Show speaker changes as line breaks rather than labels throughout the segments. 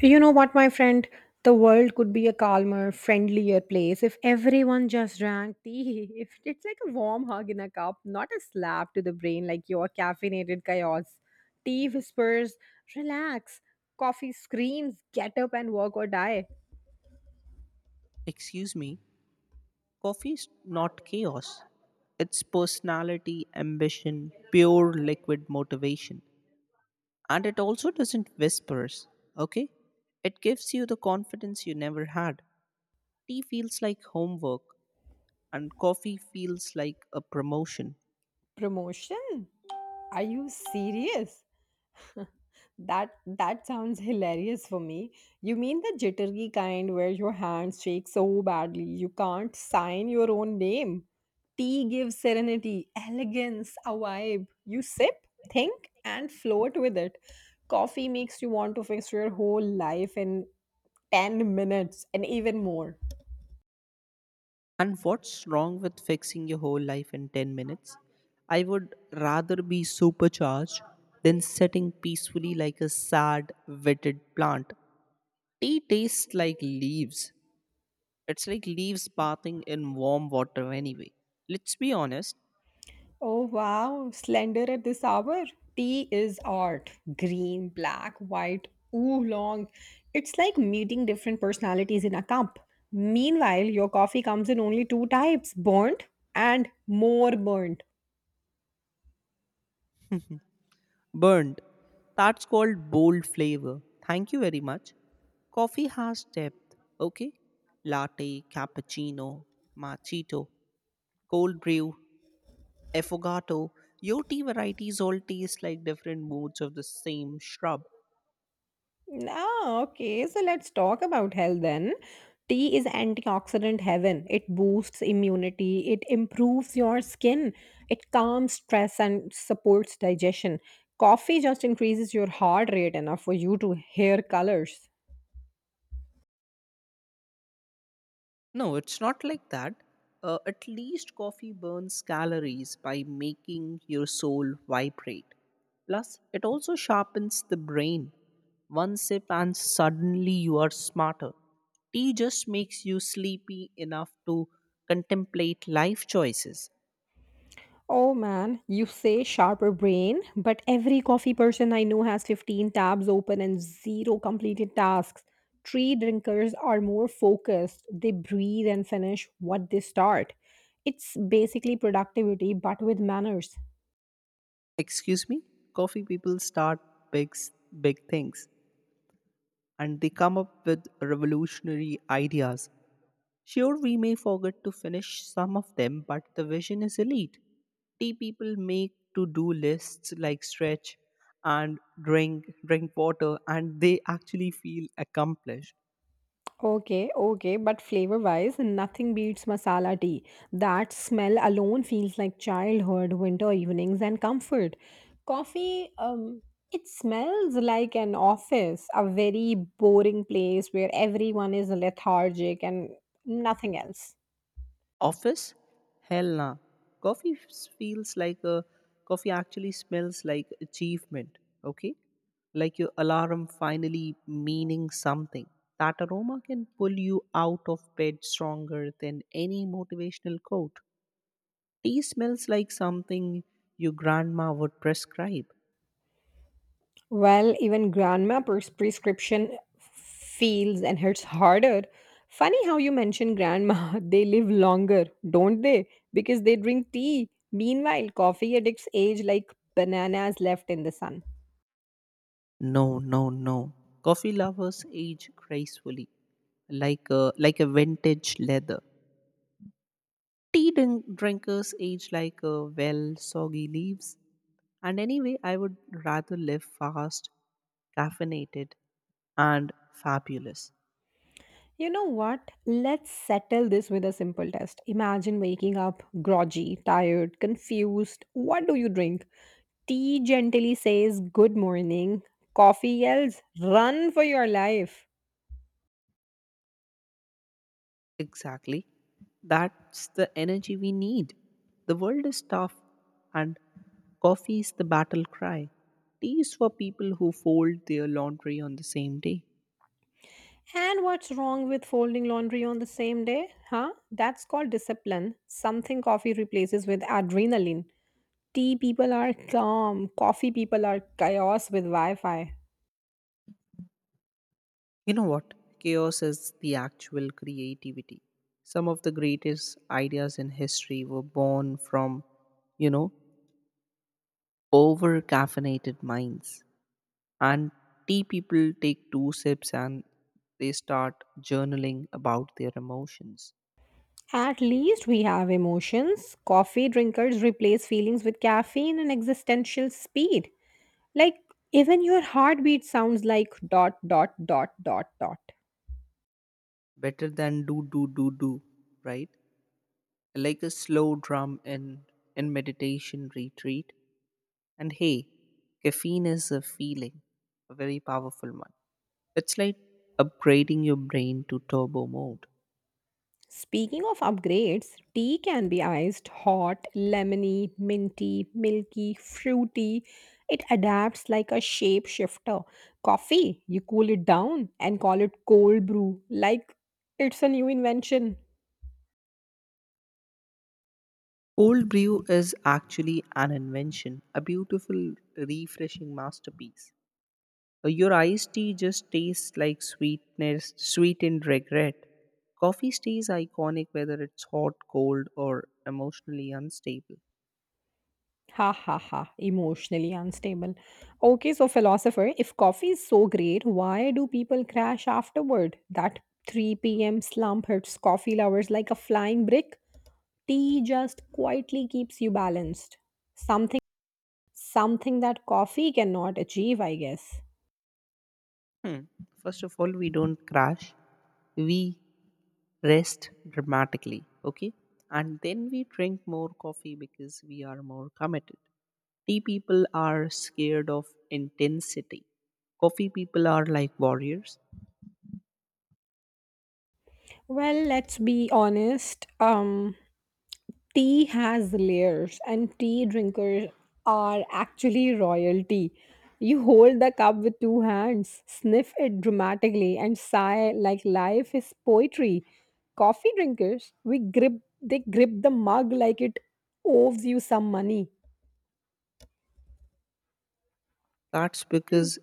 You know what, my friend? The world could be a calmer, friendlier place if everyone just drank tea. If it's like a warm hug in a cup, not a slap to the brain like your caffeinated chaos. Tea whispers, relax. Coffee screams, get up and work or die.
Excuse me, coffee is not chaos. It's personality, ambition, pure liquid motivation. And it also doesn't whispers, okay? It gives you the confidence you never had. Tea feels like homework, and coffee feels like a promotion.
Promotion? Are you serious? That sounds hilarious for me. You mean the jittery kind where your hands shake so badly you can't sign your own name? Tea gives serenity, elegance, a vibe. You sip, think, and float with it. Coffee makes you want to fix your whole life in 10 minutes and even more.
And what's wrong with fixing your whole life in 10 minutes? I would rather be supercharged than sitting peacefully like a sad, withered plant. Tea tastes like leaves. It's like leaves bathing in warm water anyway. Let's be honest.
Oh wow, slender at this hour. Tea is art. Green, black, white, oolong. It's like meeting different personalities in a cup. Meanwhile, your coffee comes in only two types, burnt and more burnt.
Burned. That's called bold flavor. Thank you very much. Coffee has depth, okay? Latte, cappuccino, machito, cold brew, affogato. Your tea varieties all taste like different moods of the same shrub.
Ah, okay. So let's talk about health then. Tea is antioxidant heaven. It boosts immunity, it improves your skin, it calms stress and supports digestion. Coffee just increases your heart rate enough for you to hear colors.
No, it's not like that. At least coffee burns calories by making your soul vibrate. Plus, it also sharpens the brain. One sip and suddenly you are smarter. Tea just makes you sleepy enough to contemplate life choices.
Oh man, you say sharper brain, but every coffee person I know has 15 tabs open and zero completed tasks. Tree drinkers are more focused, they breathe and finish what they start. It's basically productivity, but with manners.
Excuse me? Coffee people start big, s- big things, and they come up with revolutionary ideas. Sure, we may forget to finish some of them, but the vision is elite. Tea people make to do lists like stretch and drink water, and they actually feel accomplished.
Okay, okay, but flavor wise, nothing beats masala tea. That smell alone feels like childhood, winter evenings, and comfort. Coffee, it smells like an office, a very boring place where everyone is lethargic and nothing else.
Office? Hell nah. Coffee f- feels like a Coffee actually smells like achievement. Okay, like your alarm finally meaning something. That aroma can pull you out of bed stronger than any motivational quote. Tea smells like something your grandma would prescribe.
Well, even prescription feels and hurts harder. Funny how you mention grandma. They live longer, don't they? Because they drink tea. Meanwhile, coffee addicts age like bananas left in the sun.
No, no, no. Coffee lovers age gracefully, like a vintage leather. Tea drinkers age like soggy leaves. And anyway, I would rather live fast, caffeinated, and fabulous.
You know what? Let's settle this with a simple test. Imagine waking up groggy, tired, confused. What do you drink? Tea gently says good morning. Coffee yells, run for your life.
Exactly. That's the energy we need. The world is tough, and coffee is the battle cry. Tea is for people who fold their laundry on the same day.
And what's wrong with folding laundry on the same day? Huh? That's called discipline. Something coffee replaces with adrenaline. Tea people are calm, coffee people are chaos with Wi Fi.
You know what? Chaos is the actual creativity. Some of the greatest ideas in history were born from, you know, over caffeinated minds. And tea people take two sips and they start journaling about their emotions.
At least we have emotions. Coffee drinkers replace feelings with caffeine and existential speed. Like, even your heartbeat sounds like dot, dot, dot, dot, dot.
Better than do, do, do, do, right? Like a slow drum in meditation retreat. And hey, caffeine is a feeling, a very powerful one. It's like upgrading your brain to turbo mode.
Speaking of upgrades, tea can be iced, hot, lemony, minty, milky, fruity. It adapts like a shapeshifter. Coffee, you cool it down and call it cold brew, like it's a new invention.
Cold brew is actually an invention, a beautiful, refreshing masterpiece. Your iced tea just tastes like sweetness, sweetened regret. Coffee stays iconic whether it's hot, cold, or emotionally unstable.
Ha ha ha, emotionally unstable. Okay, so philosopher, if coffee is so great, why do people crash afterward? That 3 p.m. slump hurts coffee lovers like a flying brick. Tea just quietly keeps you balanced. Something something that coffee cannot achieve, I guess.
Hmm. First of all, we don't crash, we rest dramatically, okay? And then we drink more coffee because we are more committed. Tea people are scared of intensity. Coffee people are like warriors.
Well, let's be honest. Tea has layers, and tea drinkers are actually royalty. You hold the cup with two hands, sniff it dramatically, and sigh like life is poetry. Coffee drinkers, we grip they grip the mug like it owes you some money.
That's
And
because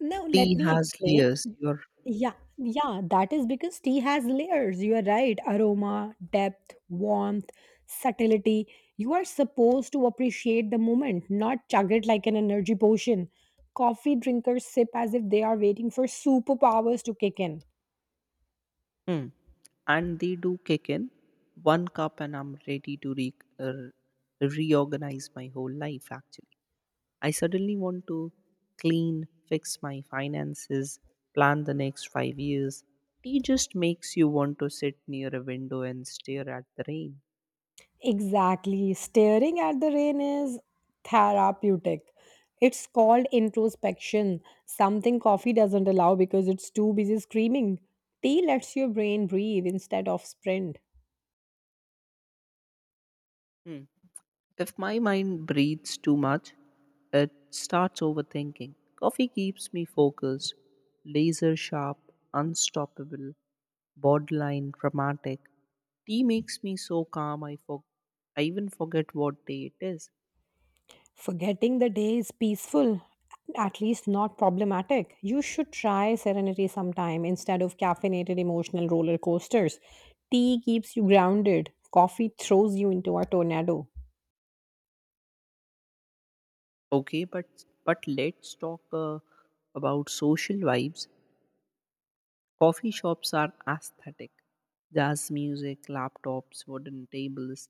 now let
tea
me
has
explain.
layers. You're,
Yeah, yeah, that is because tea has layers. You are right. Aroma, depth, warmth, subtlety. You are supposed to appreciate the moment, not chug it like an energy potion. Coffee drinkers sip as if they are waiting for superpowers to kick in.
hmm. And they do kick in. One cup, and I'm ready to er, reorganize my whole life, actually. I suddenly want to clean, fix my finances, plan the next 5 years. Tea just makes you want to sit near a window and stare at the rain.
Exactly. Staring at the rain is therapeutic. It's called introspection, something coffee doesn't allow because it's too busy screaming. Tea lets your brain breathe instead of sprint.
Hmm. If my mind breathes too much, it starts overthinking. Coffee keeps me focused, laser sharp, unstoppable, borderline dramatic. Tea makes me so calm I even forget what day it is.
Forgetting the day is peaceful, at least not problematic. You should try serenity sometime instead of caffeinated emotional roller coasters. Tea keeps you grounded, coffee throws you into a tornado.
Okay, but let's talk about social vibes. Coffee shops are aesthetic. Jazz music, laptops, wooden tables,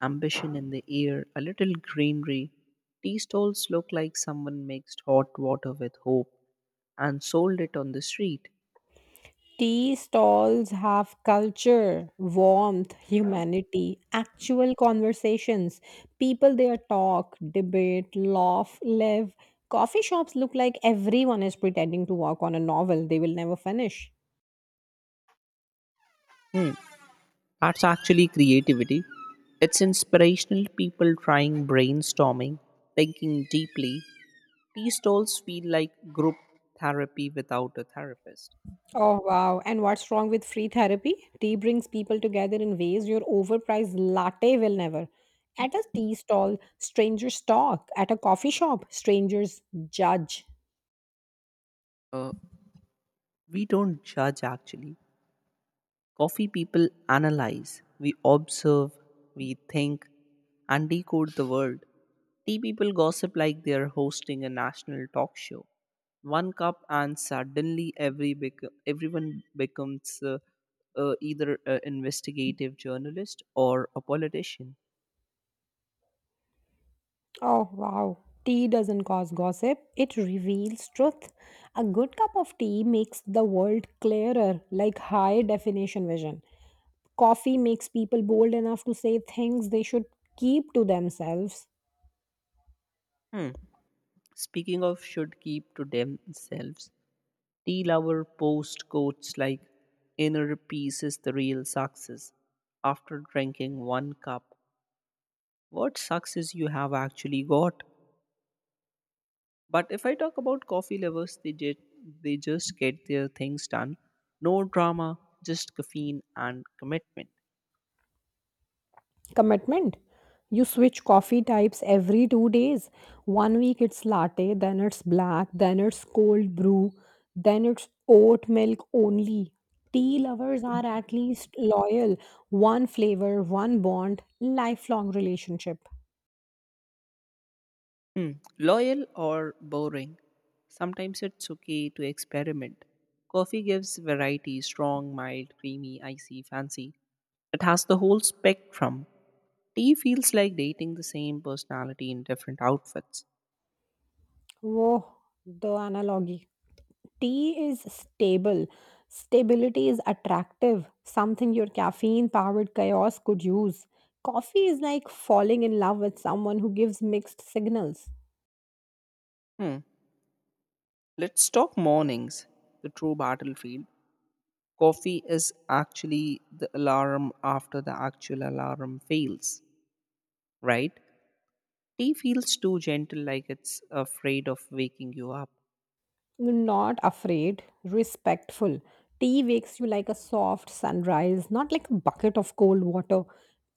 ambition in the air, a little greenery. Tea stalls look like someone mixed hot water with hope and sold it on the street.
Tea stalls have culture, warmth, humanity, actual conversations. People there talk, debate, laugh, live. Coffee shops look like everyone is pretending to work on a novel they will never finish.
Hmm, that's actually creativity. It's inspirational people trying brainstorming, thinking deeply. Tea stalls feel like group therapy without a therapist.
Oh, wow. And what's wrong with free therapy? Tea brings people together in ways your overpriced latte will never. At a tea stall, strangers talk. At a coffee shop, strangers judge.
Uh, we don't judge actually. Coffee people analyze, we observe, we think, and decode the world. Tea people gossip like they are hosting a national talk show. One cup, and suddenly everyone becomes either an investigative journalist or a politician.
Oh wow. Tea doesn't cause gossip, it reveals truth. A good cup of tea makes the world clearer, like high definition vision. Coffee makes people bold enough to say things they should keep to themselves.
Hmm. Speaking of, should keep to themselves. Till our post quotes like inner peace is the real success. After drinking one cup, what success you have actually got? But if I talk about coffee lovers, they just get their things done. No drama, just caffeine and commitment.
Commitment? You switch coffee types every 2 days. One week it's latte, then it's black, then it's cold brew, then it's oat milk only. Tea lovers are at least loyal. One flavor, one bond, lifelong relationship.
Hmm. Loyal or boring? Sometimes it's okay to experiment. Coffee gives variety: strong, mild, creamy, icy, fancy. It has the whole spectrum. Tea feels like dating the same personality in different outfits.
Whoa, the analogy. Tea is stable. Stability is attractive, something your caffeine powered chaos could use. Coffee is like falling in love with someone who gives mixed signals.
Hmm. Let's talk mornings, the true battlefield. Coffee is actually the alarm after the actual alarm fails, right? Tea feels too gentle, like it's afraid of waking you up.
Not afraid, respectful. Tea wakes you like a soft sunrise, not like a bucket of cold water.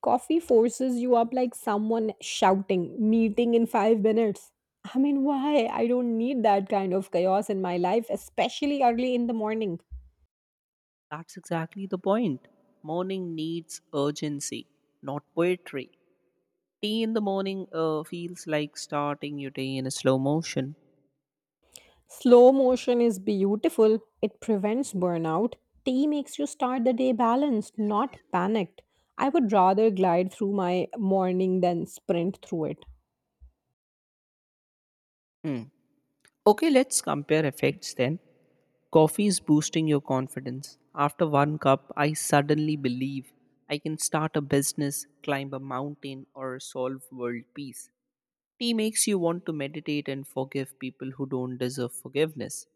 Coffee forces you up like someone shouting, meeting in 5 minutes. I mean, why? I don't need that kind of chaos in my life, especially early in the morning.
That's exactly the point. Morning needs urgency, not poetry. Tea in the morning feels like starting your day in a slow motion.
Slow motion is beautiful, it prevents burnout. Tea makes you start the day balanced, not panicked. I would rather glide through my morning than sprint through it.
Hmm. Okay, let's compare effects then. Coffee is boosting your confidence. After one cup, I suddenly believe I can start a business, climb a mountain, or solve world peace. Tea makes you want to meditate and forgive people who don't deserve forgiveness.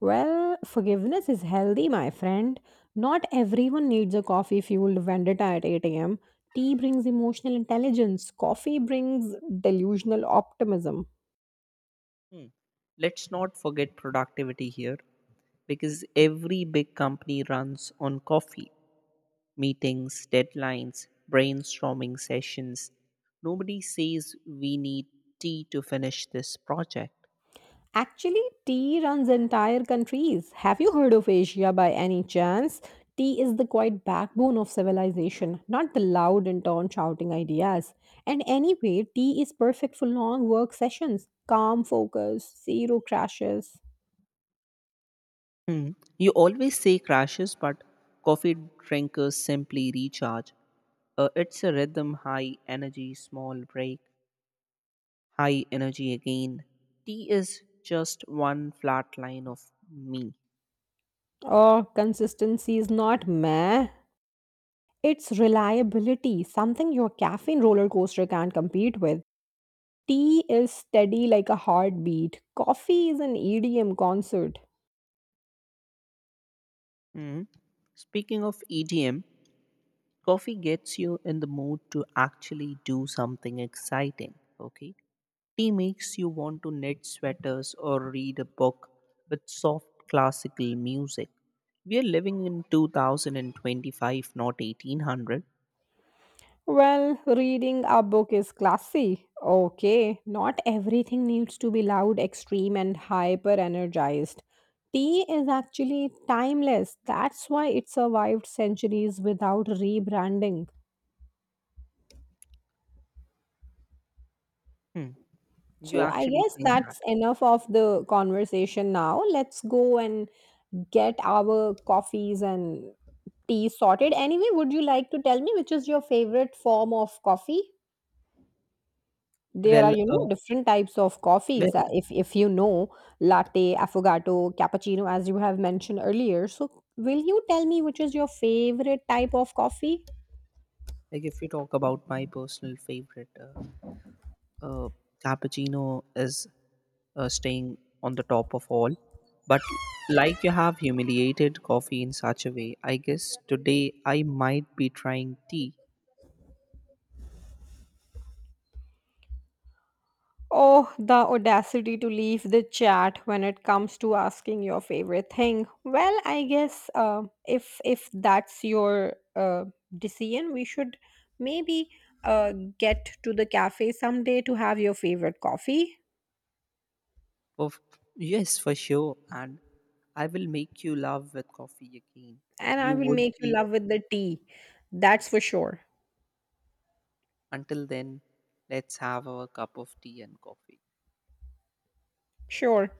Well, forgiveness is healthy, my friend. Not everyone needs a coffee fueled vendetta at 8 a.m. Tea brings emotional intelligence, coffee brings delusional optimism.
Hmm. Let's not forget productivity here, because every big company runs on coffee. Meetings, deadlines, brainstorming sessions. Nobody says we need tea to finish this project.
Actually, tea runs entire countries. Have you heard of Asia by any chance? Tea is the quiet backbone of civilization, not the loud and torn shouting ideas. And anyway, tea is perfect for long work sessions, calm focus, zero crashes.
Hmm. You always say crashes, but coffee drinkers simply recharge. It's a rhythm: high energy, small break, high energy again. Tea is just one flat line of me.
Oh, consistency is not meh. It's reliability, something your caffeine roller coaster can't compete with. Tea is steady like a heartbeat. Coffee is an EDM concert.
Hmm. Speaking of EDM, coffee gets you in the mood to actually do something exciting. Okay. Tea makes you want to knit sweaters or read a book with soft classical music. We are living in 2025, not 1800.
Well, reading a book is classy. Okay, not everything needs to be loud, extreme, and hyper energized. Tea is actually timeless. That's why it survived centuries without rebranding.
Hmm, you
So I
actually
guess
think that.
that's enough of the conversation now. Let's go and get our coffees and tea sorted. Anyway, would you like to tell me which is your favorite form of coffee? There are,
Well,
you know,
uh,
different types of
well,
coffees. If you know, latte, affogato, cappuccino, as you have mentioned earlier. So, will you tell me which is your favorite type of coffee?
like if you talk about my personal favorite, uh, cappuccino is staying on the top of all. But like you have humiliated coffee in such a way, I guess today I might be trying tea.
Oh, the audacity to leave the chat when it comes to asking your favorite thing. Well, I guess if that's your decision, we should maybe uh, get to the cafe someday to have your favorite coffee,
Of yes, for sure. And I will make you love with coffee again.
and I
You
will
would
make you
be
love with the tea. That's for sure.
until then. Let's have our cup of tea and coffee.
Sure.